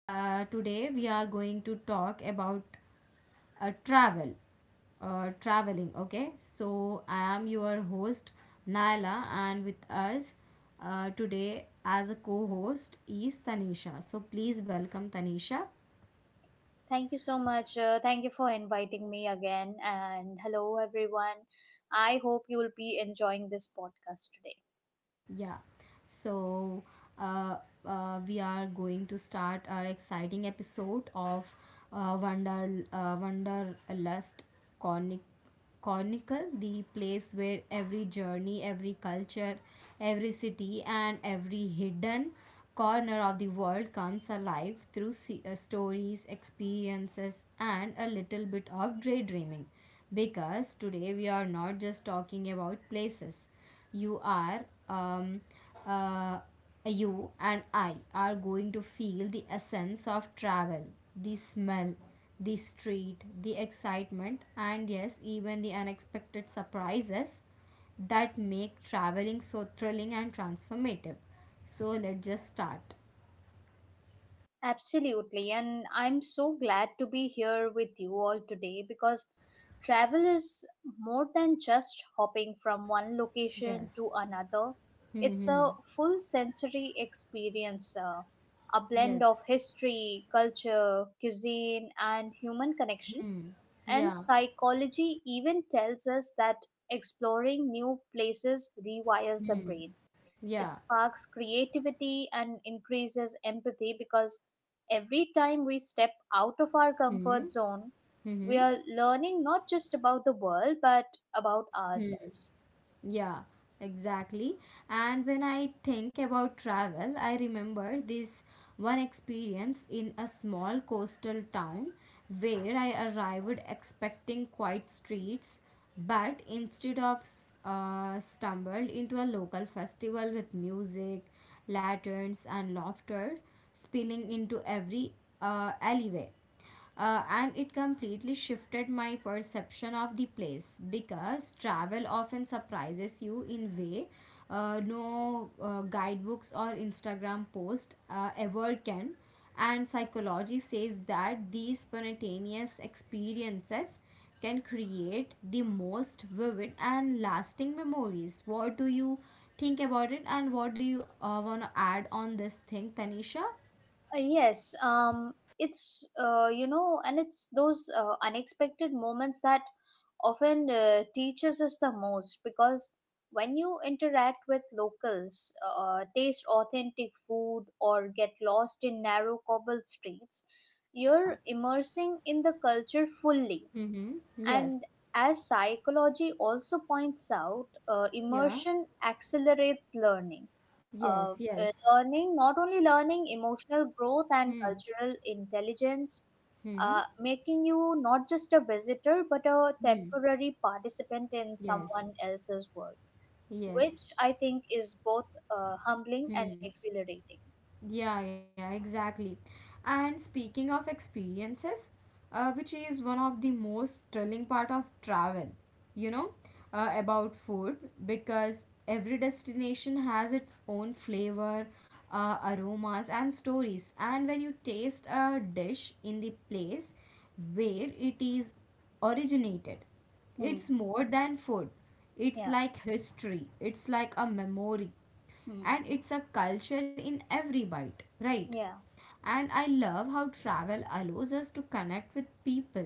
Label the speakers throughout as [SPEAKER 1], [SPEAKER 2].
[SPEAKER 1] Today, we are going to talk about travel, traveling. Okay, so I am your host Naila, and with us today as a co-host is Tanisha. So please welcome Tanisha.
[SPEAKER 2] Thank you so much. Thank you for inviting me again. And hello, everyone. I hope you'll be enjoying this podcast today.
[SPEAKER 1] Yeah, so uh, we are going to start our exciting episode of Wonder Wanderlust Chronic- Chronicle, the place where every journey, every culture, every city, and every hidden corner of the world comes alive through stories, experiences, and a little bit of daydreaming. Because today we are not just talking about places you are uh, you and I are going to feel the essence of travel, the smell, the street, the excitement, and yes, even the unexpected surprises that make traveling so thrilling and transformative. So let's just start.
[SPEAKER 2] Absolutely. And I'm so glad to be here with you all today because travel is more than just hopping from one location
[SPEAKER 1] Yes.
[SPEAKER 2] to another, it's a
[SPEAKER 1] Hmm.
[SPEAKER 2] full sensory experience. A
[SPEAKER 1] Yes.
[SPEAKER 2] blend of history, culture, cuisine, and human connection.
[SPEAKER 1] Hmm.
[SPEAKER 2] And
[SPEAKER 1] Yeah.
[SPEAKER 2] psychology even tells us that exploring new places rewires the
[SPEAKER 1] Hmm.
[SPEAKER 2] brain. It
[SPEAKER 1] Yeah.
[SPEAKER 2] sparks creativity and increases empathy because every time we step out of our
[SPEAKER 1] Hmm.
[SPEAKER 2] comfort zone, we
[SPEAKER 1] Hmm.
[SPEAKER 2] are learning not just about the world but about
[SPEAKER 1] Hmm.
[SPEAKER 2] ourselves.
[SPEAKER 1] Yeah, exactly. And when I think about travel, I remember this one experience in a small coastal town where I arrived expecting quiet streets, but instead of stumbled into a local festival with music, lanterns, and laughter spilling into every alleyway. And it completely shifted my perception of the place, because travel often surprises you in way no guidebooks or Instagram post ever can. And psychology says that these spontaneous experiences can create the most vivid and lasting memories. What do you think about it, and what do you want to add on this thing, Tanisha?
[SPEAKER 2] Yes, it's, you know, and it's those unexpected moments that often teaches us the most because when you interact with locals, taste authentic food, or get lost in narrow cobble streets,
[SPEAKER 1] Yeah.
[SPEAKER 2] you're immersing in the culture fully,
[SPEAKER 1] Mm-hmm.
[SPEAKER 2] and
[SPEAKER 1] Yes.
[SPEAKER 2] as psychology also points out,
[SPEAKER 1] Yeah.
[SPEAKER 2] immersion accelerates learning. Uh,
[SPEAKER 1] Yes, yes.
[SPEAKER 2] Learning, not only learning, emotional growth and
[SPEAKER 1] Hmm.
[SPEAKER 2] cultural intelligence,
[SPEAKER 1] Hmm.
[SPEAKER 2] making you not just a visitor but a
[SPEAKER 1] Hmm.
[SPEAKER 2] temporary participant in someone
[SPEAKER 1] Yes.
[SPEAKER 2] else's world, which I
[SPEAKER 1] Yes.
[SPEAKER 2] think is both humbling and
[SPEAKER 1] Hmm.
[SPEAKER 2] exhilarating.
[SPEAKER 1] Yeah, yeah, exactly. And speaking of experiences, which is one of the most thrilling part of travel, you know, about food, because every destination has its own flavor, aromas, and stories. And when you taste a dish in the place where it is originated,
[SPEAKER 2] Hmm.
[SPEAKER 1] it's more than food. It's
[SPEAKER 2] Yeah.
[SPEAKER 1] like history. It's like a memory,
[SPEAKER 2] Hmm.
[SPEAKER 1] and it's a culture in every bite, right?
[SPEAKER 2] Yeah.
[SPEAKER 1] And I love how travel allows us to connect with people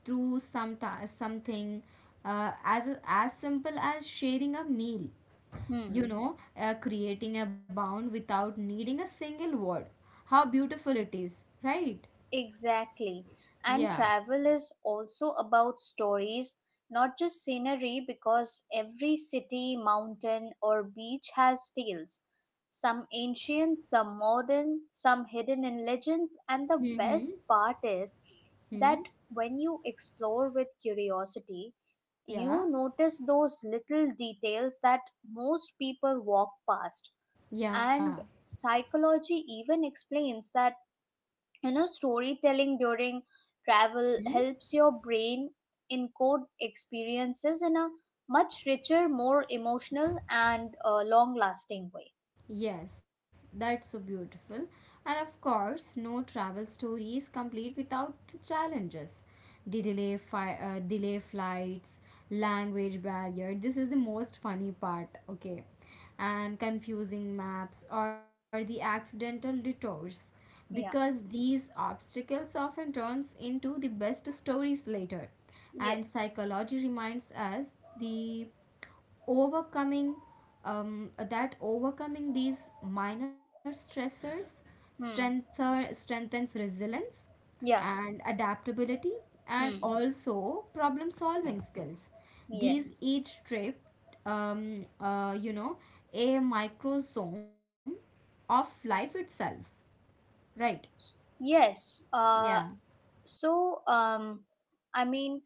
[SPEAKER 1] through something as simple as sharing a meal, you
[SPEAKER 2] Hmm.
[SPEAKER 1] know, creating a bond without needing a single word. How beautiful it is, right?
[SPEAKER 2] Exactly. And
[SPEAKER 1] Yeah.
[SPEAKER 2] travel is also about stories, not just scenery, because every city, mountain, or beach has tales. Some
[SPEAKER 1] Yes.
[SPEAKER 2] ancient, some modern, some hidden in legends, and the best
[SPEAKER 1] Mm-hmm.
[SPEAKER 2] part is that
[SPEAKER 1] Hmm.
[SPEAKER 2] when you explore with curiosity, you
[SPEAKER 1] Yeah.
[SPEAKER 2] notice those little details that most people walk past.
[SPEAKER 1] Yeah.
[SPEAKER 2] And psychology even explains that, you know, storytelling during travel
[SPEAKER 1] Hmm.
[SPEAKER 2] helps your brain encode experiences in a much richer, more emotional, and long lasting way.
[SPEAKER 1] Yes, that's so beautiful. And of course, no travel story is complete without the challenges. The delay, delay flights, language barrier. This is the most funny part, okay? And confusing maps or the accidental detours. Because
[SPEAKER 2] Yeah.
[SPEAKER 1] these obstacles often turns into the best stories later. And
[SPEAKER 2] Yes.
[SPEAKER 1] psychology reminds us the overcoming that overcoming these minor stressors
[SPEAKER 2] Hmm.
[SPEAKER 1] strengthens resilience
[SPEAKER 2] Yeah.
[SPEAKER 1] and adaptability, and
[SPEAKER 2] Hmm.
[SPEAKER 1] also problem solving skills. These
[SPEAKER 2] Yes.
[SPEAKER 1] each trip, you know, a microsome of life itself, right?
[SPEAKER 2] Yes.
[SPEAKER 1] Yeah.
[SPEAKER 2] So um i mean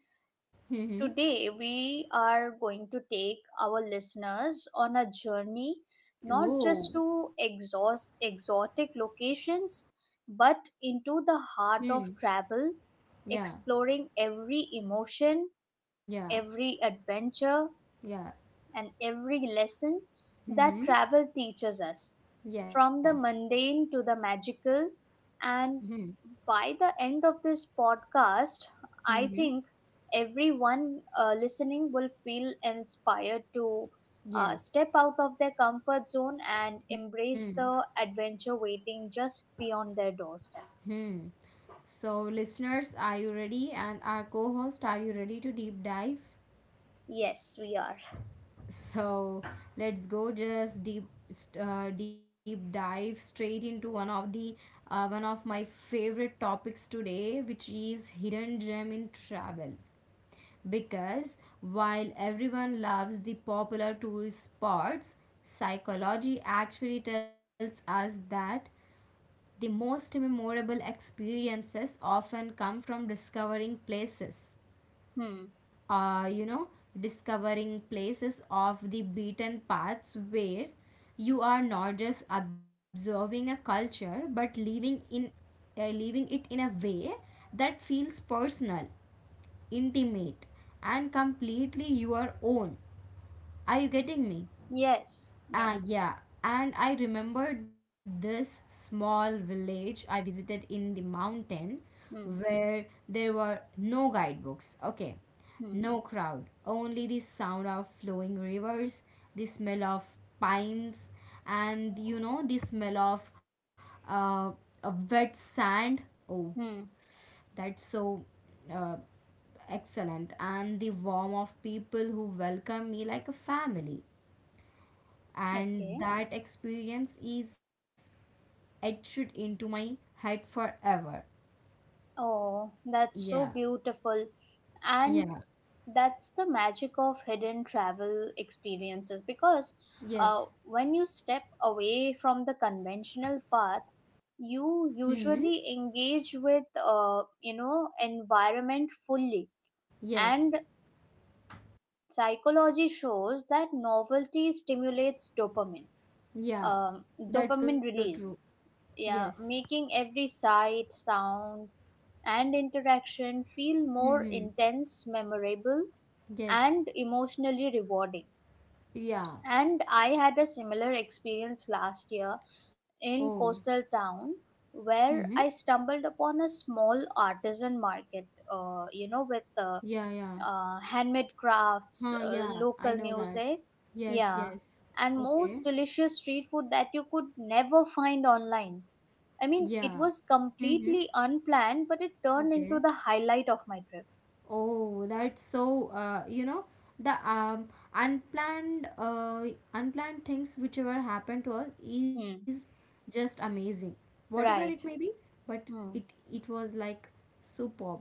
[SPEAKER 1] Mm-hmm.
[SPEAKER 2] Today, we are going to take our listeners on a journey not
[SPEAKER 1] Oh.
[SPEAKER 2] just to exhaust exotic locations but into the heart
[SPEAKER 1] Hmm.
[SPEAKER 2] of travel,
[SPEAKER 1] Yeah.
[SPEAKER 2] exploring every emotion,
[SPEAKER 1] Yeah.
[SPEAKER 2] every adventure,
[SPEAKER 1] Yeah.
[SPEAKER 2] and every lesson that
[SPEAKER 1] Mm-hmm.
[SPEAKER 2] travel teaches us,
[SPEAKER 1] Yes.
[SPEAKER 2] from the mundane to the magical. And
[SPEAKER 1] Mm-hmm.
[SPEAKER 2] by the end of this podcast, I
[SPEAKER 1] Mm-hmm.
[SPEAKER 2] think everyone listening will feel inspired to
[SPEAKER 1] Yes.
[SPEAKER 2] step out of their comfort zone and
[SPEAKER 1] Hmm.
[SPEAKER 2] embrace the adventure waiting just beyond their doorstep.
[SPEAKER 1] Hmm. So, listeners, are you ready? And our co host, are you ready to deep dive?
[SPEAKER 2] Yes, we are.
[SPEAKER 1] S- So, let's go just deep dive straight into one of the one of my favorite topics today, which is hidden gem in travel. Because while everyone loves the popular tourist spots, psychology actually tells us that the most memorable experiences often come from discovering places.
[SPEAKER 2] Hmm.
[SPEAKER 1] You know, discovering places off the beaten paths where you are not just observing a culture but living in, living it in a way that feels personal, intimate, and completely your own. Are you getting me?
[SPEAKER 2] Yes.
[SPEAKER 1] Ah,
[SPEAKER 2] Yes.
[SPEAKER 1] yeah. And I remembered this small village I visited in the mountain
[SPEAKER 2] Hmm.
[SPEAKER 1] where there were no guidebooks. Okay.
[SPEAKER 2] Hmm.
[SPEAKER 1] No crowd, only the sound of flowing rivers, the smell of pines, and you know, the smell of uh, a wet sand. Oh,
[SPEAKER 2] Hmm.
[SPEAKER 1] that's so uh, excellent. And the warmth of people who welcome me like a family, and
[SPEAKER 2] Okay.
[SPEAKER 1] that experience is etched into my head forever.
[SPEAKER 2] Oh, that's
[SPEAKER 1] Yeah,
[SPEAKER 2] so beautiful. And
[SPEAKER 1] yeah,
[SPEAKER 2] that's the magic of hidden travel experiences because
[SPEAKER 1] yes.
[SPEAKER 2] when you step away from the conventional path, you
[SPEAKER 1] Hmm.
[SPEAKER 2] usually engage with, you know, environment fully.
[SPEAKER 1] Yes.
[SPEAKER 2] And psychology shows that novelty stimulates dopamine,
[SPEAKER 1] Yeah.
[SPEAKER 2] um,
[SPEAKER 1] That's so
[SPEAKER 2] dopamine
[SPEAKER 1] true.
[SPEAKER 2] release.
[SPEAKER 1] Yes.
[SPEAKER 2] Yeah, making every sight, sound, and interaction feel more
[SPEAKER 1] Hmm.
[SPEAKER 2] intense, memorable,
[SPEAKER 1] Yes.
[SPEAKER 2] and emotionally rewarding.
[SPEAKER 1] Yeah.
[SPEAKER 2] And I had a similar experience last year
[SPEAKER 1] Oh.
[SPEAKER 2] in coastal town
[SPEAKER 1] Hmm.
[SPEAKER 2] where I stumbled upon a small artisan market, you know, with
[SPEAKER 1] Yeah. Yeah.
[SPEAKER 2] handmade crafts,
[SPEAKER 1] Huh. Yeah. I
[SPEAKER 2] local
[SPEAKER 1] know that.
[SPEAKER 2] music,
[SPEAKER 1] Yes.
[SPEAKER 2] yeah,
[SPEAKER 1] Yes.
[SPEAKER 2] and most
[SPEAKER 1] Okay.
[SPEAKER 2] delicious street food that you could never find online. I
[SPEAKER 1] Yeah.
[SPEAKER 2] mean, it was
[SPEAKER 1] Hmm.
[SPEAKER 2] completely unplanned, but it turned into
[SPEAKER 1] Okay.
[SPEAKER 2] the highlight of my trip.
[SPEAKER 1] Oh, that's so, you know, the unplanned unplanned things whichever ever happen to us is
[SPEAKER 2] Hmm.
[SPEAKER 1] just amazing. Whatever it may
[SPEAKER 2] Right.
[SPEAKER 1] be, but
[SPEAKER 2] Hmm.
[SPEAKER 1] it was like superb.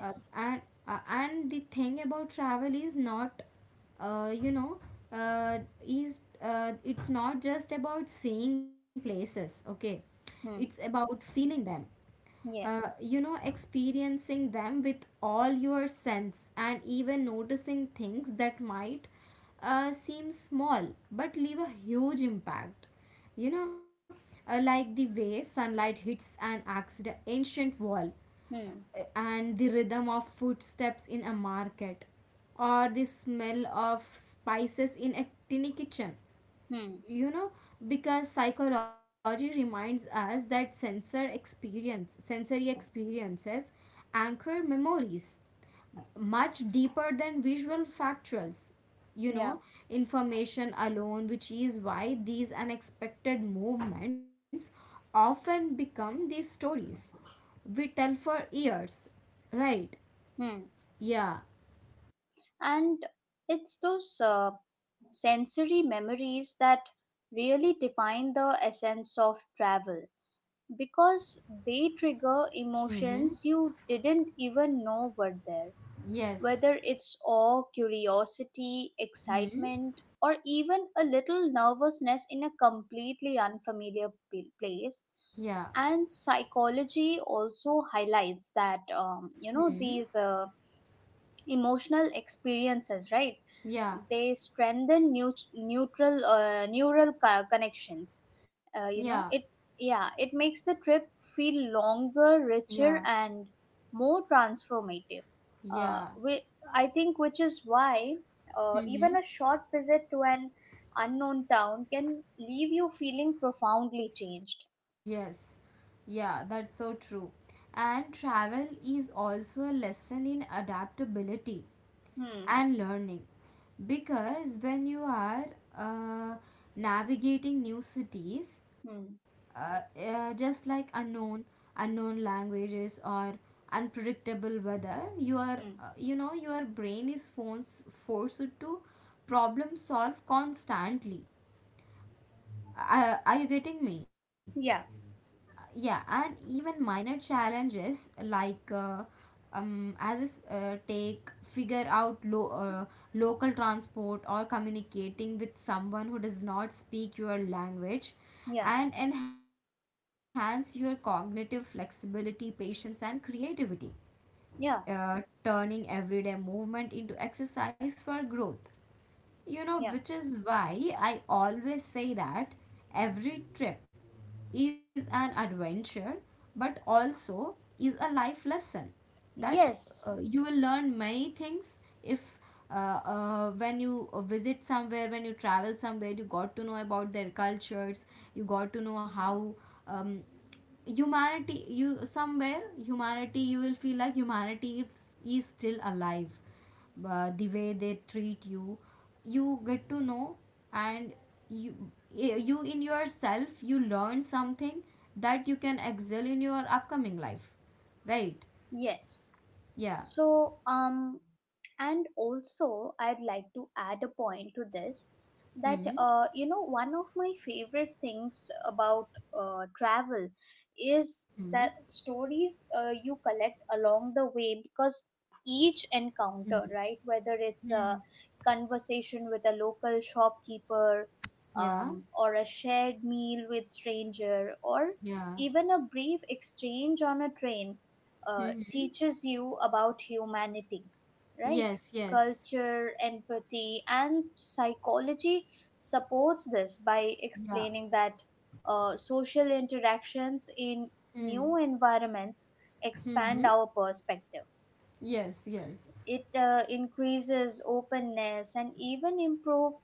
[SPEAKER 1] Uh, and uh, and the thing about travel is not, you know, uh, is it's not just about seeing places, okay? It's
[SPEAKER 2] Hmm.
[SPEAKER 1] about feeling them,
[SPEAKER 2] Yes.
[SPEAKER 1] you know, experiencing them with all your sense, and even noticing things that might seem small but leave a huge impact. You know, like the way sunlight hits an accident, ancient wall,
[SPEAKER 2] Hmm.
[SPEAKER 1] and the rhythm of footsteps in a market, or the smell of spices in a tiny kitchen,
[SPEAKER 2] Hmm.
[SPEAKER 1] you know, because psychology reminds us that sensory experiences anchor memories much deeper than visual factuals, you
[SPEAKER 2] Yeah.
[SPEAKER 1] know, information alone, which is why these unexpected movements often become these stories we tell for years, right?
[SPEAKER 2] Hmm.
[SPEAKER 1] Yeah.
[SPEAKER 2] And it's those sensory memories that really define the essence of travel because they trigger
[SPEAKER 1] Mm-hmm.
[SPEAKER 2] emotions you didn't even know were there.
[SPEAKER 1] Yes.
[SPEAKER 2] Whether it's awe, curiosity,
[SPEAKER 1] Mm-hmm.
[SPEAKER 2] excitement, or even a little nervousness in a completely unfamiliar place,
[SPEAKER 1] Yeah.
[SPEAKER 2] and psychology also highlights that, you know,
[SPEAKER 1] Mm-hmm.
[SPEAKER 2] these emotional experiences, right,
[SPEAKER 1] Yeah.
[SPEAKER 2] they strengthen neut- neutral neural connections,
[SPEAKER 1] Yeah.
[SPEAKER 2] you know it Yeah, it makes the trip feel longer, richer,
[SPEAKER 1] Yeah.
[SPEAKER 2] and more transformative. uh,
[SPEAKER 1] Yeah.
[SPEAKER 2] we, I think, which is why even
[SPEAKER 1] Mm-hmm.
[SPEAKER 2] a short visit to an unknown town can leave you feeling profoundly changed.
[SPEAKER 1] Yes. Yeah, that's so true. And travel is also a lesson in adaptability
[SPEAKER 2] Hmm.
[SPEAKER 1] and learning. Because when you are uh, navigating new cities,
[SPEAKER 2] Hmm.
[SPEAKER 1] just like unknown languages or unpredictable weather, you are,
[SPEAKER 2] Hmm.
[SPEAKER 1] you know, your brain is forced to problem solve constantly. Are you getting me?
[SPEAKER 2] Yeah.
[SPEAKER 1] Yeah. And even minor challenges like as if take figure out local transport or communicating with someone who does not speak your language,
[SPEAKER 2] Yeah.
[SPEAKER 1] and enhance your cognitive flexibility, patience, and creativity,
[SPEAKER 2] Yeah.
[SPEAKER 1] turning everyday movement into exercise for growth, you know,
[SPEAKER 2] Yeah.
[SPEAKER 1] which is why I always say that every trip is an adventure, but also is a life lesson that
[SPEAKER 2] Yes.
[SPEAKER 1] you will learn many things if uh, when you visit somewhere, when you travel somewhere, you got to know about their cultures, you got to know how, um, humanity, you somewhere humanity, you will feel like humanity is still alive, the way they treat you, you get to know, and you, you in yourself you learn something that you can excel in your upcoming life, right?
[SPEAKER 2] Yes.
[SPEAKER 1] Yeah.
[SPEAKER 2] So, um, and also, I'd like to add a point to this that,
[SPEAKER 1] Hmm.
[SPEAKER 2] you know, one of my favorite things about travel is that
[SPEAKER 1] Hmm.
[SPEAKER 2] stories you collect along the way because each encounter, right, whether it's a
[SPEAKER 1] Hmm.
[SPEAKER 2] conversation with a local shopkeeper,
[SPEAKER 1] Yeah.
[SPEAKER 2] or a shared meal with stranger, or
[SPEAKER 1] Yeah.
[SPEAKER 2] even a brief exchange on a train,
[SPEAKER 1] Hmm.
[SPEAKER 2] teaches you about humanity, right?
[SPEAKER 1] Yes. Yes.
[SPEAKER 2] Culture, empathy, and psychology supports this by
[SPEAKER 1] Yeah.
[SPEAKER 2] explaining that social interactions in new
[SPEAKER 1] Hmm.
[SPEAKER 2] environments expand
[SPEAKER 1] Hmm.
[SPEAKER 2] our perspective.
[SPEAKER 1] Yes. Yes.
[SPEAKER 2] It increases openness and even improve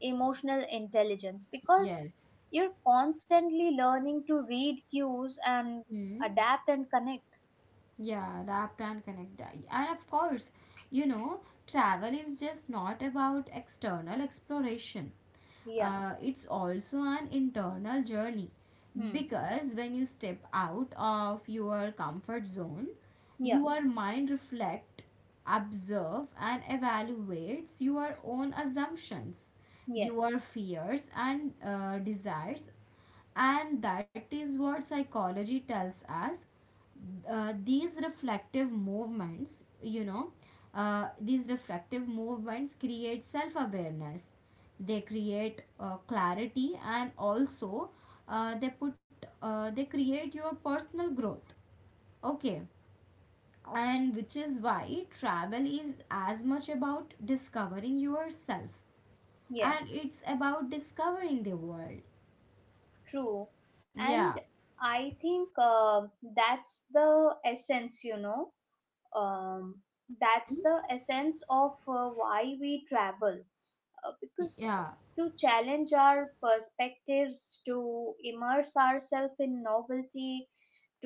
[SPEAKER 2] emotional intelligence because
[SPEAKER 1] Yes.
[SPEAKER 2] you're constantly learning to read cues and
[SPEAKER 1] Hmm.
[SPEAKER 2] adapt and connect.
[SPEAKER 1] Yeah. Wrapped and connected. And of course, you know, travel is just not about external exploration.
[SPEAKER 2] Yeah.
[SPEAKER 1] It's also an internal journey,
[SPEAKER 2] Hmm.
[SPEAKER 1] because when you step out of your comfort zone,
[SPEAKER 2] Yeah.
[SPEAKER 1] your mind reflect, observe, and evaluates your own assumptions, your
[SPEAKER 2] Yes,
[SPEAKER 1] fears, and desires. And that is what psychology tells us. These reflective movements, you know, these reflective movements create self awareness, they create clarity, and also, uh, they put they create your personal growth, okay? And which is why travel is as much about discovering yourself and
[SPEAKER 2] yes,
[SPEAKER 1] it's about discovering the world.
[SPEAKER 2] true.
[SPEAKER 1] Yeah.
[SPEAKER 2] And I think that's the essence, you know, um,
[SPEAKER 1] Mm-hmm.
[SPEAKER 2] that's the essence of why we travel. Because
[SPEAKER 1] Yeah.
[SPEAKER 2] to challenge our perspectives, to immerse ourselves in novelty,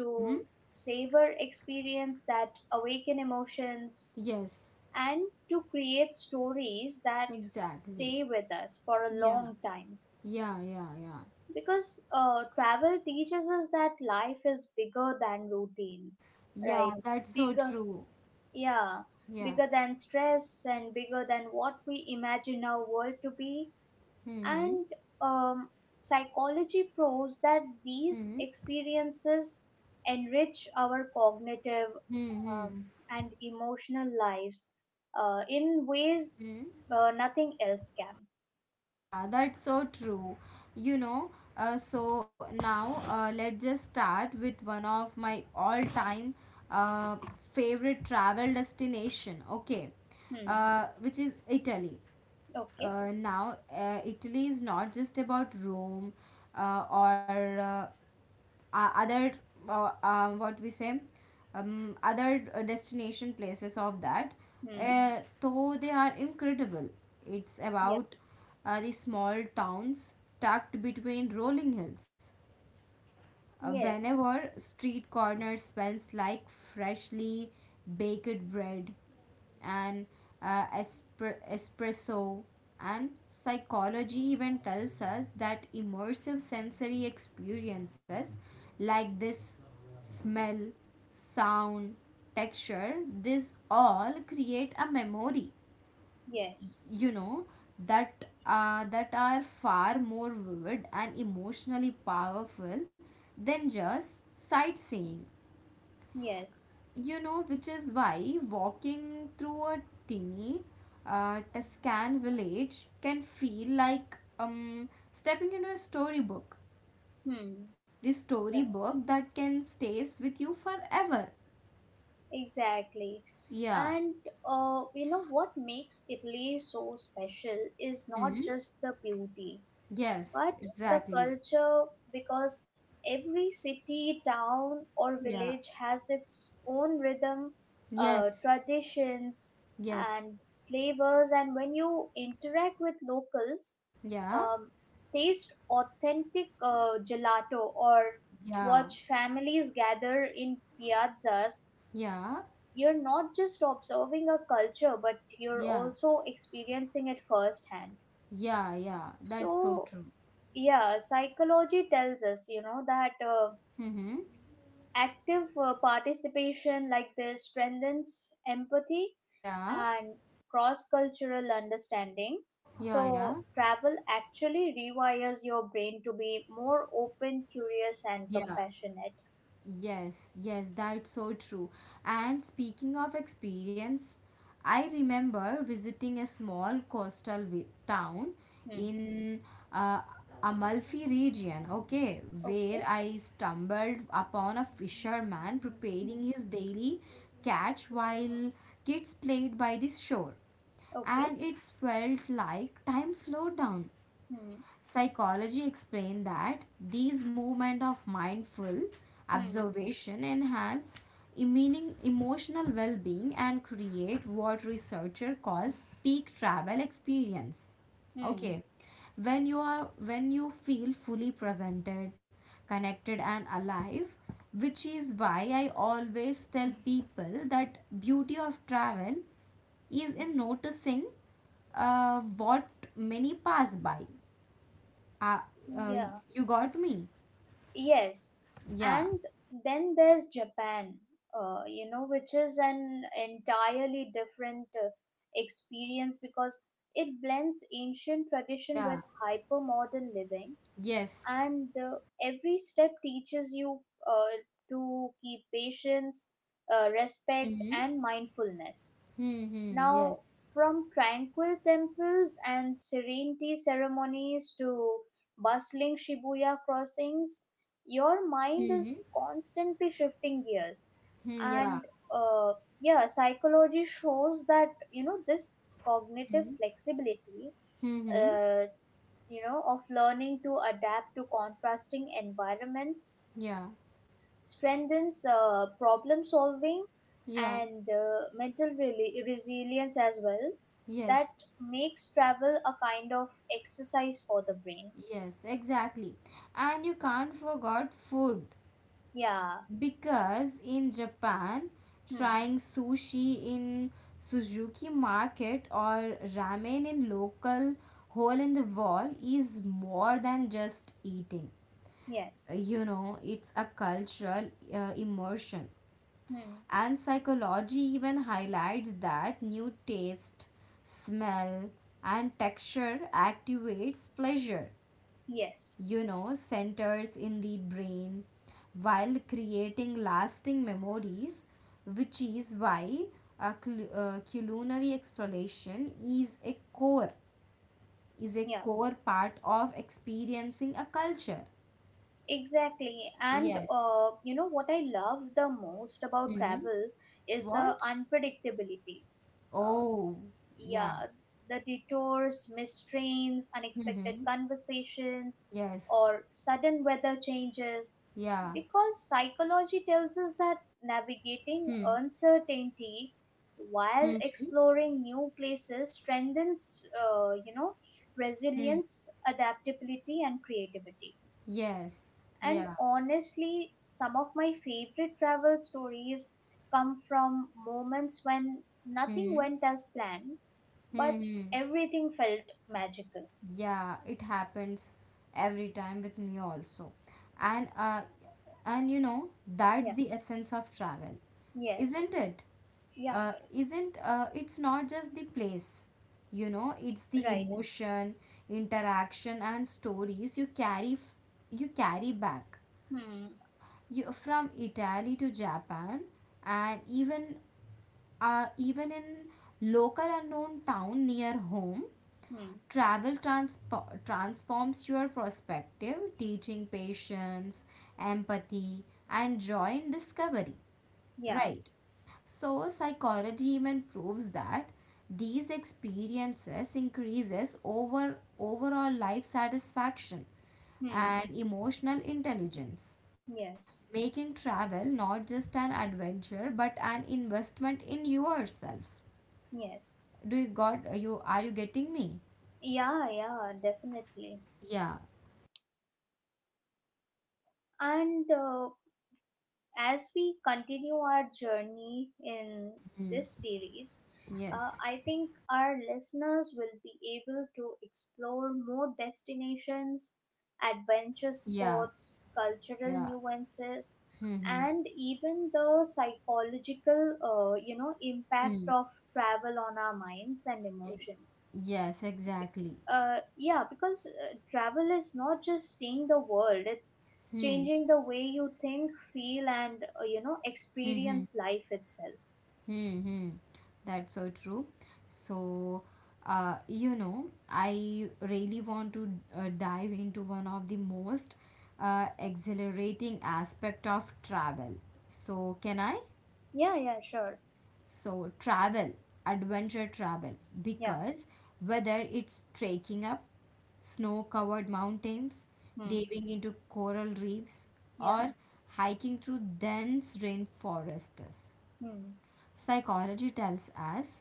[SPEAKER 1] Mm-hmm.
[SPEAKER 2] savor experience that awaken emotions,
[SPEAKER 1] Yes.
[SPEAKER 2] and to create stories that
[SPEAKER 1] Exactly.
[SPEAKER 2] stay with us for a
[SPEAKER 1] Yeah.
[SPEAKER 2] long time,
[SPEAKER 1] Yeah, yeah, yeah.
[SPEAKER 2] because travel teaches us that life is bigger than routine,
[SPEAKER 1] Yeah,
[SPEAKER 2] right,
[SPEAKER 1] that's so
[SPEAKER 2] bigger,
[SPEAKER 1] true.
[SPEAKER 2] yeah,
[SPEAKER 1] Yeah.
[SPEAKER 2] bigger than stress and bigger than what we imagine our world to be.
[SPEAKER 1] Mm-hmm.
[SPEAKER 2] And um, psychology proves that these
[SPEAKER 1] Mm-hmm.
[SPEAKER 2] experiences enrich our cognitive,
[SPEAKER 1] Mm-hmm.
[SPEAKER 2] and emotional lives in ways
[SPEAKER 1] Mm-hmm.
[SPEAKER 2] nothing else can.
[SPEAKER 1] Yeah, that's so true. You know, so now let's just start with one of my all-time uh, favorite travel destination. Okay.
[SPEAKER 2] Hmm.
[SPEAKER 1] Which is Italy.
[SPEAKER 2] Okay.
[SPEAKER 1] Now Italy is not just about Rome or other what we say, other destination places of that,
[SPEAKER 2] Hmm.
[SPEAKER 1] though they are incredible. It's
[SPEAKER 2] Yeah.
[SPEAKER 1] about the small towns tucked between rolling hills,
[SPEAKER 2] Yes.
[SPEAKER 1] whenever street corner smells like freshly baked bread, and espresso. And psychology even tells us that immersive sensory experiences like this, smell, sound, texture, this all create a memory,
[SPEAKER 2] Yes.
[SPEAKER 1] you know, that are far more vivid and emotionally powerful than just sightseeing,
[SPEAKER 2] Yes.
[SPEAKER 1] you know, which is why walking through a tiny Tuscan village can feel like stepping into a storybook,
[SPEAKER 2] Hmm.
[SPEAKER 1] the
[SPEAKER 2] Right.
[SPEAKER 1] storybook that can stays with you forever.
[SPEAKER 2] Exactly.
[SPEAKER 1] Yeah.
[SPEAKER 2] And you know what makes Italy so special is not
[SPEAKER 1] Hmm.
[SPEAKER 2] just the beauty,
[SPEAKER 1] Yes,
[SPEAKER 2] but the
[SPEAKER 1] exactly.
[SPEAKER 2] culture, because every city, town, or
[SPEAKER 1] Yeah.
[SPEAKER 2] village has its own rhythm,
[SPEAKER 1] Yes.
[SPEAKER 2] traditions,
[SPEAKER 1] Yes.
[SPEAKER 2] and flavors. And when you interact with locals,
[SPEAKER 1] Yeah.
[SPEAKER 2] um, taste authentic gelato, or
[SPEAKER 1] Yeah.
[SPEAKER 2] watch families gather in piazzas,
[SPEAKER 1] Yeah,
[SPEAKER 2] you're not just observing a culture but you're
[SPEAKER 1] yeah,
[SPEAKER 2] also experiencing it firsthand.
[SPEAKER 1] yeah, yeah. That's so
[SPEAKER 2] So
[SPEAKER 1] true.
[SPEAKER 2] yeah, psychology tells us, you know, that
[SPEAKER 1] Mm-hmm.
[SPEAKER 2] active participation like this strengthens empathy
[SPEAKER 1] Yeah,
[SPEAKER 2] and cross cultural understanding.
[SPEAKER 1] yeah, yeah,
[SPEAKER 2] So travel actually rewires your brain to be more open, curious, and
[SPEAKER 1] yeah.
[SPEAKER 2] compassionate.
[SPEAKER 1] Yes, yes, that's so true. And speaking of experience, I remember visiting a small coastal town
[SPEAKER 2] Hmm.
[SPEAKER 1] in uh, Amalfi region, okay, where
[SPEAKER 2] Okay.
[SPEAKER 1] I stumbled upon a fisherman preparing
[SPEAKER 2] Hmm.
[SPEAKER 1] his daily catch while kids played by the shore.
[SPEAKER 2] Okay.
[SPEAKER 1] And it felt like time slowed down.
[SPEAKER 2] Hmm.
[SPEAKER 1] Psychology explained that these movement of mindful
[SPEAKER 2] Hmm.
[SPEAKER 1] observation enhance meaning, emotional well-being, and create what researcher calls peak travel experience,
[SPEAKER 2] Hmm.
[SPEAKER 1] okay, when you are, when you feel fully presented, connected, and alive, which is why I always tell people that beauty of travel is in noticing what many pass by. uh, uh,
[SPEAKER 2] Yeah.
[SPEAKER 1] you got me.
[SPEAKER 2] Yes,
[SPEAKER 1] Yeah,
[SPEAKER 2] and then there's Japan, you know, which is an entirely different experience because it blends ancient tradition
[SPEAKER 1] yeah,
[SPEAKER 2] with hyper modern living,
[SPEAKER 1] yes.
[SPEAKER 2] and every step teaches you uh, to keep patience, respect,
[SPEAKER 1] Mm-hmm.
[SPEAKER 2] and mindfulness.
[SPEAKER 1] Mm-hmm. Yes.
[SPEAKER 2] Now, from tranquil temples and serenity ceremonies to bustling Shibuya crossings, your mind
[SPEAKER 1] Mm-hmm.
[SPEAKER 2] is constantly shifting gears.
[SPEAKER 1] Mm, yeah.
[SPEAKER 2] And uh, yeah, psychology shows that, you know, this cognitive
[SPEAKER 1] Mm-hmm.
[SPEAKER 2] flexibility,
[SPEAKER 1] Mm-hmm.
[SPEAKER 2] uh, you know, of learning to adapt to contrasting environments
[SPEAKER 1] Yeah.
[SPEAKER 2] strengthens problem solving
[SPEAKER 1] Yeah.
[SPEAKER 2] and resilience as well. That
[SPEAKER 1] Yes.
[SPEAKER 2] makes travel a kind of exercise for the brain.
[SPEAKER 1] Yes. Exactly. And you can't forget food,
[SPEAKER 2] Yeah.
[SPEAKER 1] because in Japan,
[SPEAKER 2] Hmm.
[SPEAKER 1] trying sushi in Suzuki market or ramen in local hole in the wall is more than just eating.
[SPEAKER 2] Yes.
[SPEAKER 1] You know it's a cultural immersion,
[SPEAKER 2] Hmm.
[SPEAKER 1] and psychology even highlights that new taste, smell, and texture activates pleasure,
[SPEAKER 2] Yes.
[SPEAKER 1] centers in the brain, while creating lasting memories, which is why culinary exploration is a
[SPEAKER 2] Yeah,
[SPEAKER 1] core part of experiencing a culture.
[SPEAKER 2] exactly. And
[SPEAKER 1] Yes.
[SPEAKER 2] you know what I love the most about
[SPEAKER 1] Hmm.
[SPEAKER 2] travel is the
[SPEAKER 1] What?
[SPEAKER 2] unpredictability. Uh,
[SPEAKER 1] Oh,
[SPEAKER 2] yeah,
[SPEAKER 1] yeah.
[SPEAKER 2] the detours, missed trains, unexpected
[SPEAKER 1] Mm-hmm.
[SPEAKER 2] conversations,
[SPEAKER 1] Yes.
[SPEAKER 2] or sudden weather changes,
[SPEAKER 1] Yeah.
[SPEAKER 2] because psychology tells us that
[SPEAKER 1] Hmm.
[SPEAKER 2] navigating uncertainty while
[SPEAKER 1] Hmm.
[SPEAKER 2] exploring new places strengthens, you know,
[SPEAKER 1] Hmm.
[SPEAKER 2] resilience, adaptability, and creativity.
[SPEAKER 1] Yes.
[SPEAKER 2] And
[SPEAKER 1] Yeah.
[SPEAKER 2] honestly, some of my favorite travel stories come from moments when nothing
[SPEAKER 1] Hmm.
[SPEAKER 2] went as planned but
[SPEAKER 1] Hmm.
[SPEAKER 2] everything felt magical.
[SPEAKER 1] Yeah, it happens every time with me also, and uh, and that's
[SPEAKER 2] Yeah.
[SPEAKER 1] the essence of travel,
[SPEAKER 2] Yes.
[SPEAKER 1] isn't it?
[SPEAKER 2] Yeah.
[SPEAKER 1] Isn't It's not just the place, It's the
[SPEAKER 2] Right.
[SPEAKER 1] emotion, interaction, and stories you carry you carry back,
[SPEAKER 2] Hmm.
[SPEAKER 1] you, from Italy to Japan, and even in local unknown town near home,
[SPEAKER 2] Hmm.
[SPEAKER 1] travel transforms your perspective, teaching patience, empathy, and joy in discovery.
[SPEAKER 2] Yeah.
[SPEAKER 1] Right. So psychology even proves that these experiences increases overall life satisfaction
[SPEAKER 2] Hmm.
[SPEAKER 1] and emotional intelligence,
[SPEAKER 2] Yes.
[SPEAKER 1] making travel not just an adventure but an investment in yourself.
[SPEAKER 2] Yes.
[SPEAKER 1] Do you got, you getting me?
[SPEAKER 2] Yeah. Yeah. Definitely.
[SPEAKER 1] Yeah.
[SPEAKER 2] And as we continue our journey in this series,
[SPEAKER 1] Yes.
[SPEAKER 2] I think our listeners will be able to explore more destinations, adventure
[SPEAKER 1] Yeah.
[SPEAKER 2] sports, cultural
[SPEAKER 1] Yeah.
[SPEAKER 2] nuances,
[SPEAKER 1] Hmm.
[SPEAKER 2] and even the psychological, you know, impact
[SPEAKER 1] Hmm.
[SPEAKER 2] of travel on our minds and
[SPEAKER 1] E-,
[SPEAKER 2] emotions.
[SPEAKER 1] yes, exactly.
[SPEAKER 2] Yeah, because travel is not just seeing the world, it's
[SPEAKER 1] Hmm.
[SPEAKER 2] changing the way you think, feel, and, you know,
[SPEAKER 1] Hmm. Hmm.
[SPEAKER 2] experience life itself.
[SPEAKER 1] Hmm. Hmm. That's so true. So, you know, I really want to dive into one of the most exhilarating aspect of travel. So can I?
[SPEAKER 2] Yeah, yeah, sure.
[SPEAKER 1] So, travel, adventure travel,
[SPEAKER 2] Yeah.
[SPEAKER 1] because whether it's trekking up snow covered mountains,
[SPEAKER 2] Hmm.
[SPEAKER 1] diving into coral reefs,
[SPEAKER 2] Yeah.
[SPEAKER 1] or hiking through dense rainforests,
[SPEAKER 2] Hmm.
[SPEAKER 1] psychology tells us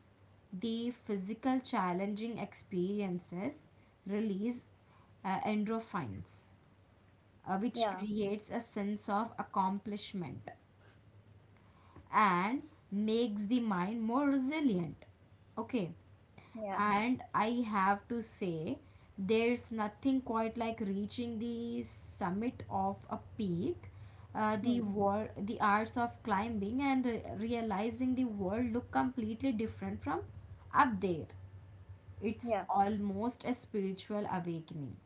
[SPEAKER 1] the physical challenging experiences release endorphins, which
[SPEAKER 2] Yeah.
[SPEAKER 1] creates a sense of accomplishment and makes the mind more resilient. Okay,
[SPEAKER 2] Yeah.
[SPEAKER 1] and I have to say, there's nothing quite like reaching the summit of a peak. The
[SPEAKER 2] Hmm.
[SPEAKER 1] world, the arts of climbing and realizing the world look completely different from up there. It's
[SPEAKER 2] Yeah.
[SPEAKER 1] almost a spiritual awakening.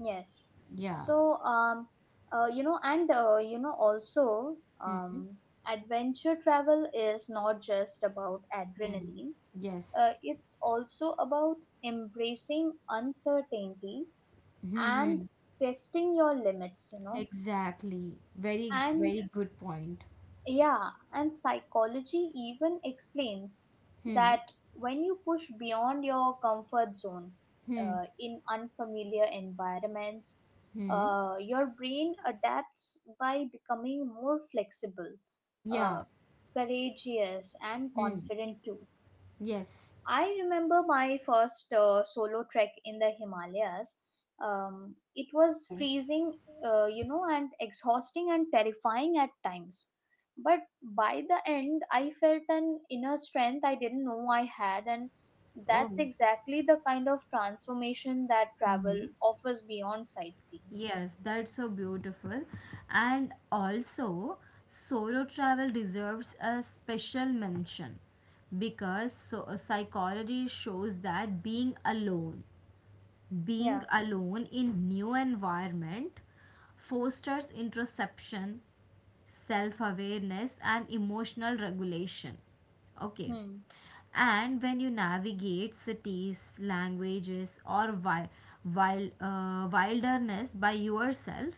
[SPEAKER 2] Yes.
[SPEAKER 1] Yeah.
[SPEAKER 2] So, um, you know, and, you know, also,
[SPEAKER 1] Mm-hmm.
[SPEAKER 2] um, adventure travel is not just about
[SPEAKER 1] Mm.
[SPEAKER 2] adrenaline.
[SPEAKER 1] Yes.
[SPEAKER 2] It's also about embracing uncertainty and
[SPEAKER 1] Mm-hmm.
[SPEAKER 2] testing your limits, you know.
[SPEAKER 1] Exactly. Very,
[SPEAKER 2] And
[SPEAKER 1] very good point.
[SPEAKER 2] yeah, and psychology even explains
[SPEAKER 1] Hmm.
[SPEAKER 2] that when you push beyond your comfort zone
[SPEAKER 1] Hmm.
[SPEAKER 2] in unfamiliar environments,
[SPEAKER 1] Hmm.
[SPEAKER 2] your brain adapts by becoming more flexible,
[SPEAKER 1] Yeah.
[SPEAKER 2] uh, courageous, and
[SPEAKER 1] Hmm.
[SPEAKER 2] confident too.
[SPEAKER 1] Yes.
[SPEAKER 2] I remember my first solo trek in the Himalayas. It was
[SPEAKER 1] Oh.
[SPEAKER 2] freezing, you know, and exhausting and terrifying at times. But by the end, I felt an inner strength I didn't know I had, and
[SPEAKER 1] Oh.
[SPEAKER 2] that's exactly the kind of transformation that travel
[SPEAKER 1] Mm-hmm.
[SPEAKER 2] offers beyond sightseeing.
[SPEAKER 1] Yes, that's so beautiful. And also, solo travel deserves a special mention because, so, psychology shows that being
[SPEAKER 2] Yeah.
[SPEAKER 1] alone in new environment fosters introspection, self-awareness, and emotional regulation. Okay.
[SPEAKER 2] Hmm.
[SPEAKER 1] And when you navigate cities, languages, or wild, wilderness by yourself,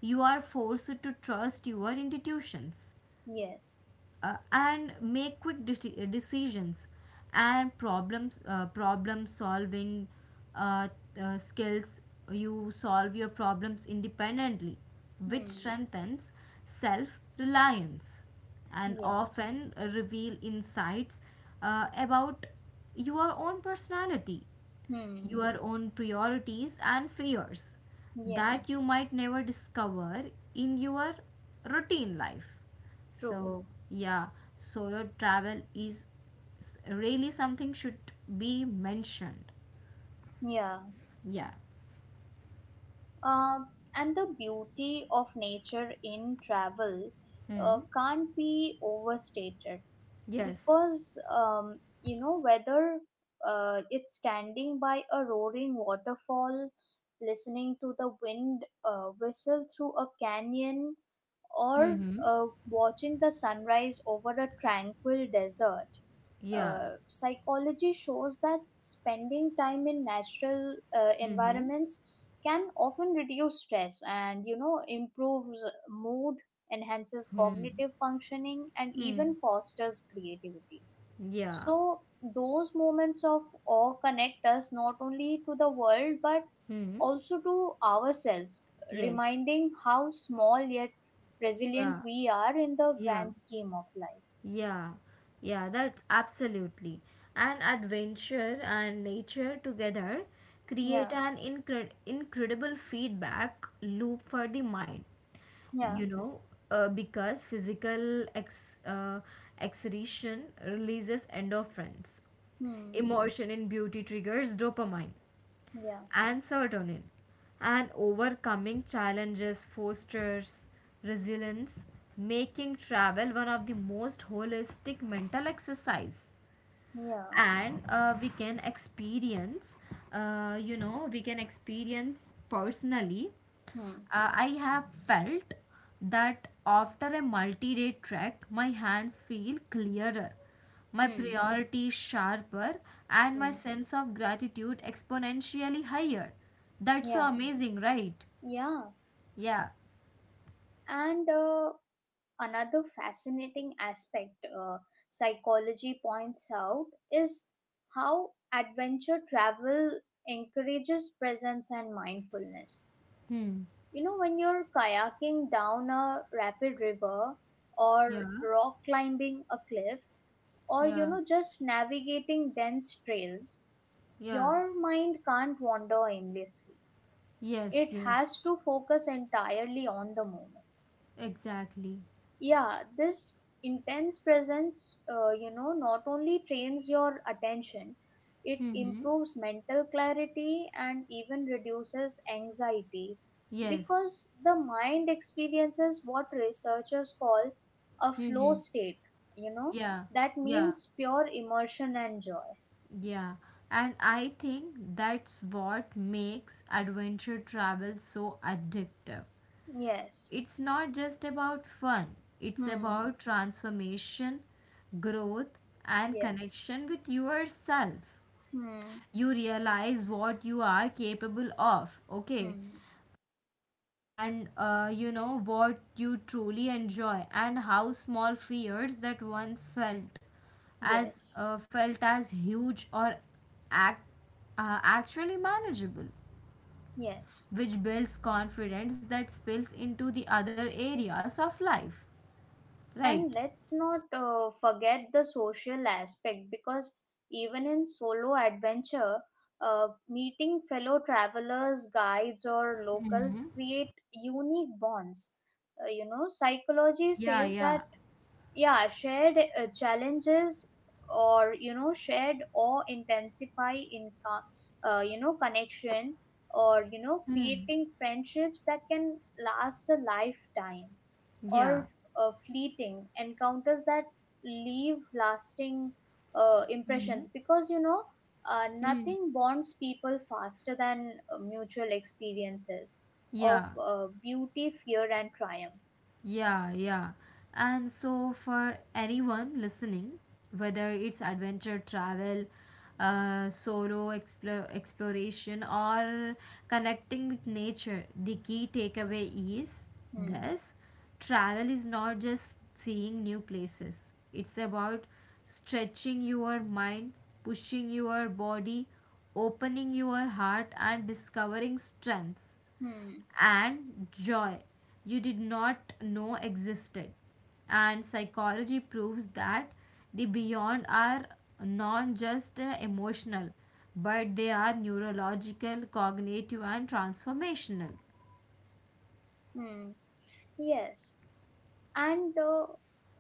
[SPEAKER 1] you are forced to trust your institutions,
[SPEAKER 2] Yes.
[SPEAKER 1] and make quick decisions, and problem solving, uh, skills, you solve your problems independently, which
[SPEAKER 2] Hmm.
[SPEAKER 1] strengthens self reliance and
[SPEAKER 2] Yes.
[SPEAKER 1] often reveal insights about your own personality,
[SPEAKER 2] Hmm.
[SPEAKER 1] your own priorities and fears, that you
[SPEAKER 2] Yes.
[SPEAKER 1] might never discover in your routine life.
[SPEAKER 2] True.
[SPEAKER 1] So, yeah, solo travel is really something should be mentioned.
[SPEAKER 2] Yeah.
[SPEAKER 1] Yeah.
[SPEAKER 2] Uh, and the beauty of nature in travel
[SPEAKER 1] Hmm.
[SPEAKER 2] can't be overstated
[SPEAKER 1] Yes.
[SPEAKER 2] because, you know, whether it's standing by a roaring waterfall, listening to the wind whistle through a canyon,
[SPEAKER 1] Hmm.
[SPEAKER 2] or
[SPEAKER 1] Hmm.
[SPEAKER 2] watching the sunrise over a tranquil desert,
[SPEAKER 1] Yeah.
[SPEAKER 2] psychology shows that spending time in natural
[SPEAKER 1] Hmm. Hmm.
[SPEAKER 2] environments can often reduce stress and, you know, improves mood, enhances cognitive functioning, and
[SPEAKER 1] Hmm.
[SPEAKER 2] even fosters creativity.
[SPEAKER 1] Yeah.
[SPEAKER 2] So those moments of awe connect us not only to the world but
[SPEAKER 1] Hmm.
[SPEAKER 2] also to ourselves,
[SPEAKER 1] Yes.
[SPEAKER 2] reminding how small yet resilient
[SPEAKER 1] Yeah.
[SPEAKER 2] we are in the
[SPEAKER 1] Yeah.
[SPEAKER 2] grand scheme of life.
[SPEAKER 1] Yeah, yeah, that's absolutely. And adventure and nature together create
[SPEAKER 2] Yeah.
[SPEAKER 1] an incredible feedback loop for the mind.
[SPEAKER 2] Yeah.
[SPEAKER 1] You know, because physical exertion releases endorphins,
[SPEAKER 2] Hmm.
[SPEAKER 1] emotion in beauty triggers dopamine
[SPEAKER 2] Yeah.
[SPEAKER 1] and serotonin, and overcoming challenges fosters resilience, making travel one of the most holistic mental exercise,
[SPEAKER 2] Yeah.
[SPEAKER 1] and we can experience, we can experience personally.
[SPEAKER 2] Hmm.
[SPEAKER 1] Uh, I have felt that after a multi day trek, my hands feel clearer, my
[SPEAKER 2] Hmm.
[SPEAKER 1] priorities sharper, and my
[SPEAKER 2] Hmm.
[SPEAKER 1] sense of gratitude exponentially higher. That's so
[SPEAKER 2] Yeah.
[SPEAKER 1] amazing, right?
[SPEAKER 2] Yeah.
[SPEAKER 1] Yeah.
[SPEAKER 2] And another fascinating aspect psychology points out is how adventure travel encourages presence and mindfulness.
[SPEAKER 1] Hmm.
[SPEAKER 2] You know, when you're kayaking down a rapid river
[SPEAKER 1] Yeah.
[SPEAKER 2] or rock climbing a cliff or,
[SPEAKER 1] Yeah.
[SPEAKER 2] you know, just navigating dense trails,
[SPEAKER 1] Yeah.
[SPEAKER 2] your mind can't wander aimlessly,
[SPEAKER 1] Yes.
[SPEAKER 2] it
[SPEAKER 1] Yes.
[SPEAKER 2] has to focus entirely on the moment.
[SPEAKER 1] Exactly.
[SPEAKER 2] Yeah, this intense presence you know, not only trains your attention, it
[SPEAKER 1] Hmm.
[SPEAKER 2] improves mental clarity and even reduces anxiety
[SPEAKER 1] Yes.
[SPEAKER 2] because the mind experiences what researchers call a
[SPEAKER 1] Hmm.
[SPEAKER 2] flow state, you know,
[SPEAKER 1] Yeah.
[SPEAKER 2] that
[SPEAKER 1] Yeah.
[SPEAKER 2] means pure immersion and joy.
[SPEAKER 1] Yeah, and I think that's what makes adventure travel so addictive.
[SPEAKER 2] Yes.
[SPEAKER 1] It's not just about fun, it's
[SPEAKER 2] Hmm.
[SPEAKER 1] about transformation, growth, and
[SPEAKER 2] Yes.
[SPEAKER 1] connection with yourself.
[SPEAKER 2] Hmm.
[SPEAKER 1] You realize what you are capable of, okay?
[SPEAKER 2] Hmm.
[SPEAKER 1] And you know what you truly enjoy, and how small fears that once
[SPEAKER 2] Yes.
[SPEAKER 1] felt as huge or act, actually manageable,
[SPEAKER 2] Yes.
[SPEAKER 1] which builds confidence that spills into the other areas of life, right?
[SPEAKER 2] And let's not forget the social aspect because even in solo adventure, meeting fellow travelers, guides, or locals create unique bonds. You know, psychology
[SPEAKER 1] Yeah.
[SPEAKER 2] says
[SPEAKER 1] Yeah.
[SPEAKER 2] that yeah, shared challenges or, you know, shared or intensify in you know, connection or, you know, creating friendships that can last a lifetime
[SPEAKER 1] Yeah.
[SPEAKER 2] or fleeting encounters that leave lasting impressions because, you know,
[SPEAKER 1] Hmm.
[SPEAKER 2] nothing bonds people faster than mutual experiences of
[SPEAKER 1] Yeah.
[SPEAKER 2] beauty, fear, and triumph.
[SPEAKER 1] Yeah, yeah. And so, for anyone listening, whether it's adventure travel, solo exploration, or connecting with nature, the key takeaway is
[SPEAKER 2] Hmm.
[SPEAKER 1] this: travel is not just seeing new places, it's about stretching your mind, pushing your body, opening your heart, and discovering strengths
[SPEAKER 2] Hmm.
[SPEAKER 1] and joy you did not know existed. And psychology proves that the beyond are not just emotional, but they are neurological, cognitive, and transformational.
[SPEAKER 2] Hmm. Yes, and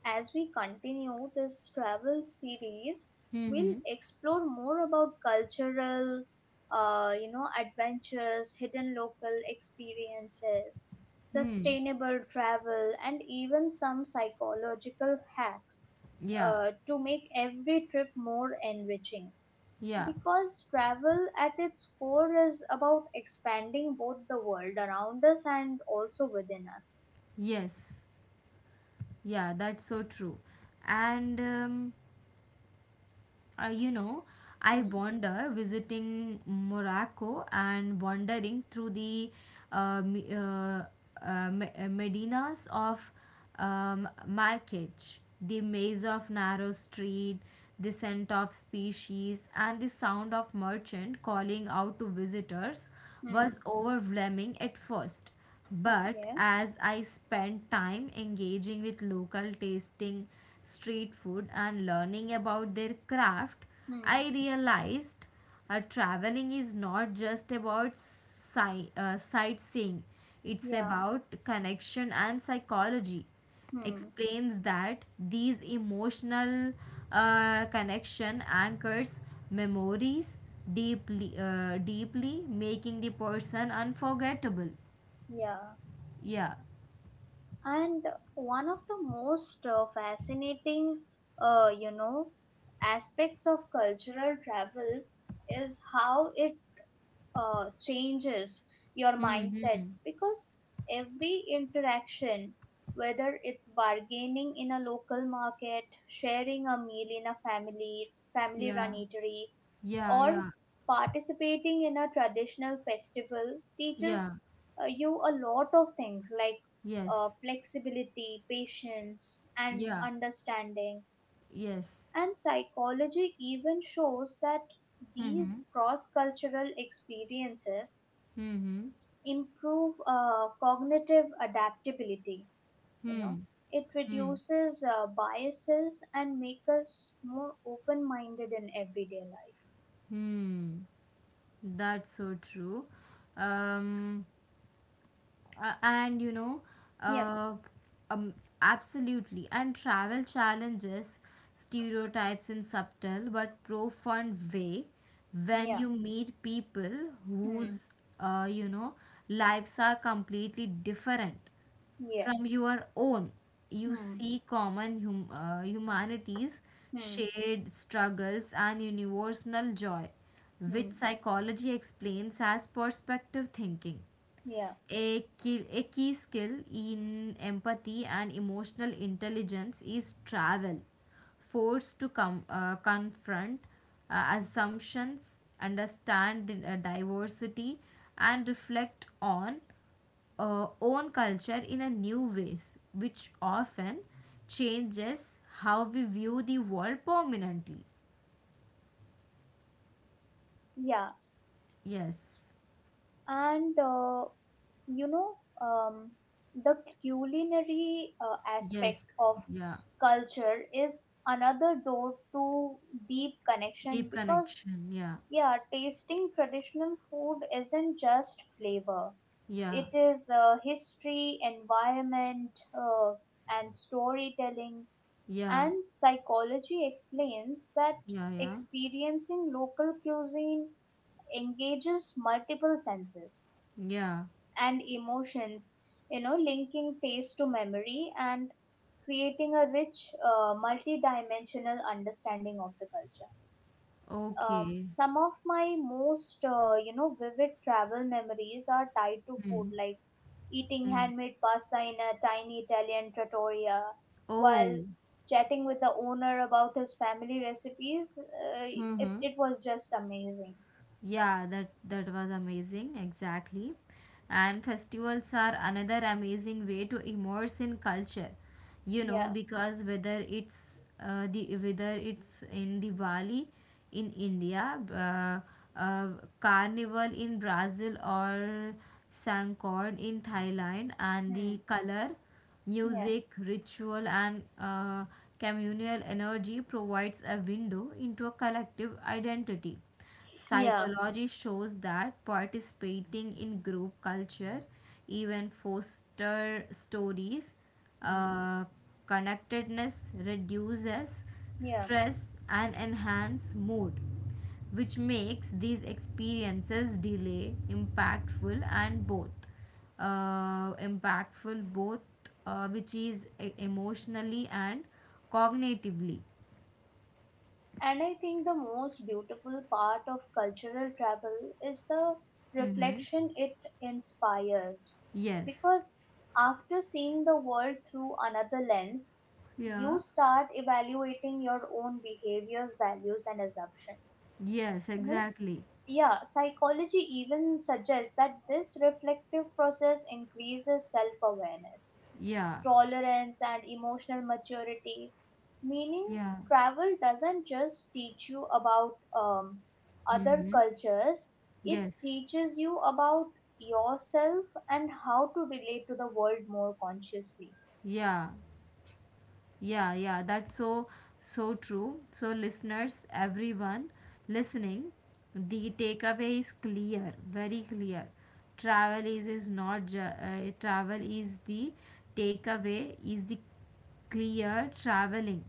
[SPEAKER 2] as we continue this travel series, we'll
[SPEAKER 1] Mm-hmm.
[SPEAKER 2] explore more about cultural, you know, adventures, hidden local experiences,
[SPEAKER 1] Hmm.
[SPEAKER 2] sustainable travel, and even some psychological hacks
[SPEAKER 1] Yeah.
[SPEAKER 2] to make every trip more enriching.
[SPEAKER 1] Yeah.
[SPEAKER 2] Because travel at its core is about expanding both the world around us and also within us.
[SPEAKER 1] Yes. Yeah. That's so true. And you know, I
[SPEAKER 2] Hmm.
[SPEAKER 1] wander visiting Morocco and wandering through the uh, me- uh, medinas of Marrakech, the maze of narrow street, the scent of species, and the sound of merchant calling out to visitors was
[SPEAKER 2] Hmm.
[SPEAKER 1] overwhelming at first. But
[SPEAKER 2] Okay.
[SPEAKER 1] as I spent time engaging with local tasting street food and learning about their craft,
[SPEAKER 2] Hmm.
[SPEAKER 1] I realized traveling is not just about sightseeing, it's
[SPEAKER 2] Yeah.
[SPEAKER 1] about connection and psychology.
[SPEAKER 2] Hmm.
[SPEAKER 1] Explains that these emotional connection anchors memories deeply, making the person unforgettable.
[SPEAKER 2] Yeah.
[SPEAKER 1] Yeah.
[SPEAKER 2] And one of the most fascinating, you know, aspects of cultural travel is how it changes your mindset
[SPEAKER 1] Mm-hmm.
[SPEAKER 2] because every interaction, whether it's bargaining in a local market, sharing a meal in a family run
[SPEAKER 1] Yeah.
[SPEAKER 2] eatery,
[SPEAKER 1] Yeah.
[SPEAKER 2] or
[SPEAKER 1] Yeah.
[SPEAKER 2] participating in a traditional festival
[SPEAKER 1] Yeah.
[SPEAKER 2] teaches you a lot of things like
[SPEAKER 1] Yes.
[SPEAKER 2] flexibility, patience, and
[SPEAKER 1] Yeah.
[SPEAKER 2] understanding.
[SPEAKER 1] Yes.
[SPEAKER 2] And psychology even shows that these
[SPEAKER 1] Mm-hmm.
[SPEAKER 2] cross cultural experiences
[SPEAKER 1] Mm-hmm.
[SPEAKER 2] improve cognitive adaptability. You know,
[SPEAKER 1] Hmm.
[SPEAKER 2] it
[SPEAKER 1] Hmm. Hmm.
[SPEAKER 2] reduces biases and make us more open minded in everyday life.
[SPEAKER 1] Hmm. Hmm. That's so true. Um. And you know.
[SPEAKER 2] Yeah,
[SPEAKER 1] Uh. Um. Absolutely. And travel challenges stereotypes in subtle but profound way. When
[SPEAKER 2] yeah,
[SPEAKER 1] you meet people
[SPEAKER 2] hmm.
[SPEAKER 1] whose, you know, lives are completely different from
[SPEAKER 2] Yes.
[SPEAKER 1] your own, you
[SPEAKER 2] Hmm.
[SPEAKER 1] see common humanities,
[SPEAKER 2] Hmm.
[SPEAKER 1] shared struggles, and universal joy,
[SPEAKER 2] Hmm.
[SPEAKER 1] which psychology explains as perspective thinking.
[SPEAKER 2] Yeah.
[SPEAKER 1] A key skill in empathy and emotional intelligence is travel, forced to confront assumptions, understand diversity, and reflect on own culture in a new ways, which often changes how we view the world permanently.
[SPEAKER 2] Yeah.
[SPEAKER 1] Yes,
[SPEAKER 2] And you know, um, the culinary aspect
[SPEAKER 1] yes,
[SPEAKER 2] of
[SPEAKER 1] yeah.
[SPEAKER 2] culture is another door to deep connection
[SPEAKER 1] Deep
[SPEAKER 2] because
[SPEAKER 1] connection. Yeah,
[SPEAKER 2] yeah, tasting traditional food isn't just flavor.
[SPEAKER 1] yeah,
[SPEAKER 2] It is history, environment, uh, and storytelling,
[SPEAKER 1] yeah,
[SPEAKER 2] and psychology explains that
[SPEAKER 1] yeah, yeah,
[SPEAKER 2] experiencing local cuisine engages multiple senses
[SPEAKER 1] yeah.
[SPEAKER 2] and emotions, you know, linking taste to memory and creating a rich, multi-dimensional understanding of the culture.
[SPEAKER 1] Okay.
[SPEAKER 2] Some of my most, you know, vivid travel memories are tied to
[SPEAKER 1] Hmm.
[SPEAKER 2] food, like eating
[SPEAKER 1] Hmm.
[SPEAKER 2] handmade pasta in a tiny Italian trattoria while
[SPEAKER 1] Oh.
[SPEAKER 2] chatting with the owner about his family recipes. It,
[SPEAKER 1] Hmm.
[SPEAKER 2] it was just amazing.
[SPEAKER 1] Yeah, that was amazing, exactly. And festivals are another amazing way to immerse in culture, you know,
[SPEAKER 2] Yeah.
[SPEAKER 1] because whether it's in Diwali in India, Carnival in Brazil, or Sangkorn in Thailand, and
[SPEAKER 2] Hmm.
[SPEAKER 1] the color,
[SPEAKER 2] Yeah.
[SPEAKER 1] music, ritual, and communal energy provides a window into a collective identity.
[SPEAKER 2] Yeah.
[SPEAKER 1] Psychology shows that participating in group culture even foster stories,
[SPEAKER 2] Mm.
[SPEAKER 1] uh, connectedness, reduces
[SPEAKER 2] Yeah,
[SPEAKER 1] stress and enhance mood, which makes these experiences delay impactful and both impactful both, which is emotionally and cognitively.
[SPEAKER 2] and I think the most beautiful part of cultural travel is the
[SPEAKER 1] Mm-hmm.
[SPEAKER 2] reflection it inspires.
[SPEAKER 1] Yes.
[SPEAKER 2] Because after seeing the world through another lens, you
[SPEAKER 1] Yeah.
[SPEAKER 2] start evaluating your own behaviors, values, and assumptions.
[SPEAKER 1] Yes,
[SPEAKER 2] You know, s-
[SPEAKER 1] exactly.
[SPEAKER 2] yeah, psychology even suggests that this reflective process increases self awareness,
[SPEAKER 1] Yeah,
[SPEAKER 2] tolerance, and emotional maturity. Meaning,
[SPEAKER 1] yeah.
[SPEAKER 2] travel doesn't just teach you about other
[SPEAKER 1] Mm-hmm.
[SPEAKER 2] cultures, it
[SPEAKER 1] Yes.
[SPEAKER 2] teaches you about yourself and how to relate to the world more consciously.
[SPEAKER 1] Yeah, yeah, yeah. That's so, so true. So, listeners, everyone listening, the takeaway is clear, very clear. Travel is not, travel is is the clear traveling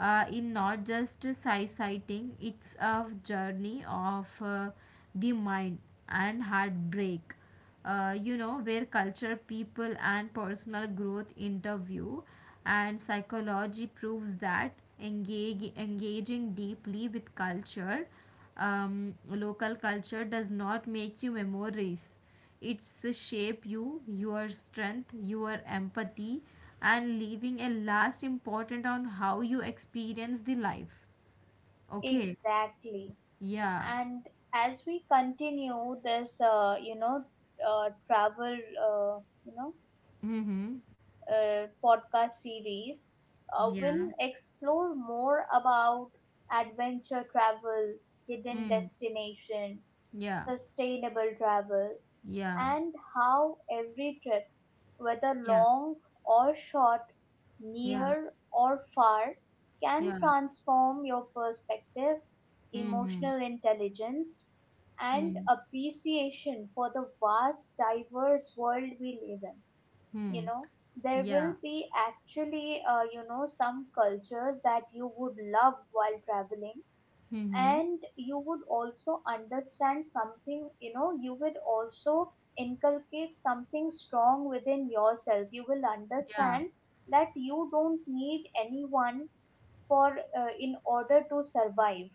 [SPEAKER 1] in not just sighting, it's a journey of the mind and heartbreak, you know, where culture, people, and personal growth interview, and psychology proves that engaging deeply with culture, local culture, does not make you memories. It's the shape you, your strength, your empathy, and leaving a last important on how you experience the life. Okay.
[SPEAKER 2] Exactly.
[SPEAKER 1] Yeah.
[SPEAKER 2] And as we continue this, you know, travel, uh, you know,
[SPEAKER 1] Mm-hmm.
[SPEAKER 2] podcast series,
[SPEAKER 1] Yeah.
[SPEAKER 2] we'll explore more about adventure travel, hidden
[SPEAKER 1] Hmm.
[SPEAKER 2] destination,
[SPEAKER 1] Yeah.
[SPEAKER 2] sustainable travel,
[SPEAKER 1] Yeah.
[SPEAKER 2] and how every trip, whether
[SPEAKER 1] Yeah.
[SPEAKER 2] long or short,
[SPEAKER 1] Yeah,
[SPEAKER 2] near or far, can
[SPEAKER 1] yeah.
[SPEAKER 2] transform your perspective,
[SPEAKER 1] Mm-hmm.
[SPEAKER 2] emotional intelligence, and appreciation for the vast, diverse world we live in. You
[SPEAKER 1] Mm-hmm.
[SPEAKER 2] know, there
[SPEAKER 1] Yeah.
[SPEAKER 2] will be actually, you know, some cultures that you would love while traveling,
[SPEAKER 1] Mm-hmm.
[SPEAKER 2] and you would also understand something, you know, you would also inculcate something strong within yourself. You will
[SPEAKER 1] Yeah.
[SPEAKER 2] understand that you don't need anyone for in order to survive.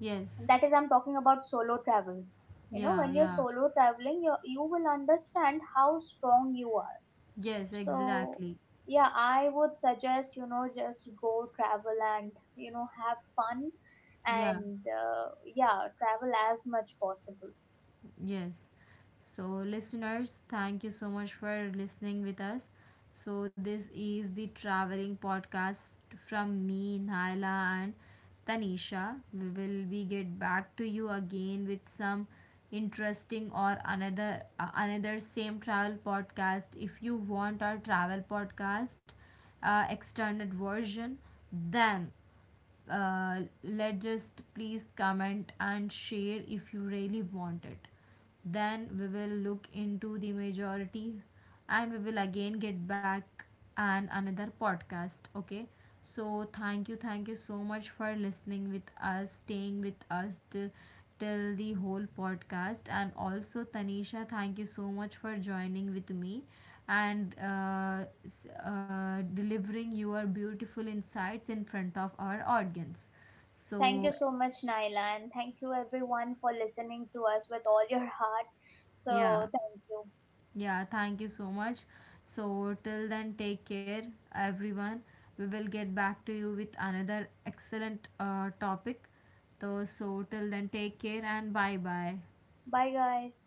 [SPEAKER 1] Yes.
[SPEAKER 2] That is, I'm talking about solo travels. You know,
[SPEAKER 1] Yeah,
[SPEAKER 2] when you're
[SPEAKER 1] yeah.
[SPEAKER 2] solo traveling, you will understand how strong you are.
[SPEAKER 1] Yes,
[SPEAKER 2] So,
[SPEAKER 1] exactly.
[SPEAKER 2] yeah, I would suggest, you know, just go travel and, you know, have fun
[SPEAKER 1] Yeah.
[SPEAKER 2] and, yeah, travel as much possible.
[SPEAKER 1] Yes. So, listeners, thank you so much for listening with us. So, this is the traveling podcast from me, Naila, and Tanisha. We will be get back to you again with some interesting or another, another same travel podcast. If you want our travel podcast extended version, then let just please comment and share. If you really want it, then we will look into the majority, and we will again get back and another podcast, okay? So thank you, thank you so much for listening with us, staying with us till the whole podcast. And also, Tanisha, thank you so much for joining with me and delivering your beautiful insights in front of our audience.
[SPEAKER 2] Thank you
[SPEAKER 1] So,
[SPEAKER 2] so much, Naila, and thank you everyone for listening to us with all your heart.
[SPEAKER 1] yeah,
[SPEAKER 2] So, thank you.
[SPEAKER 1] yeah, thank you so much. So, till then, take care, everyone. We will get back to you with another excellent topic. So, till then, take care and bye bye.
[SPEAKER 2] Bye, guys.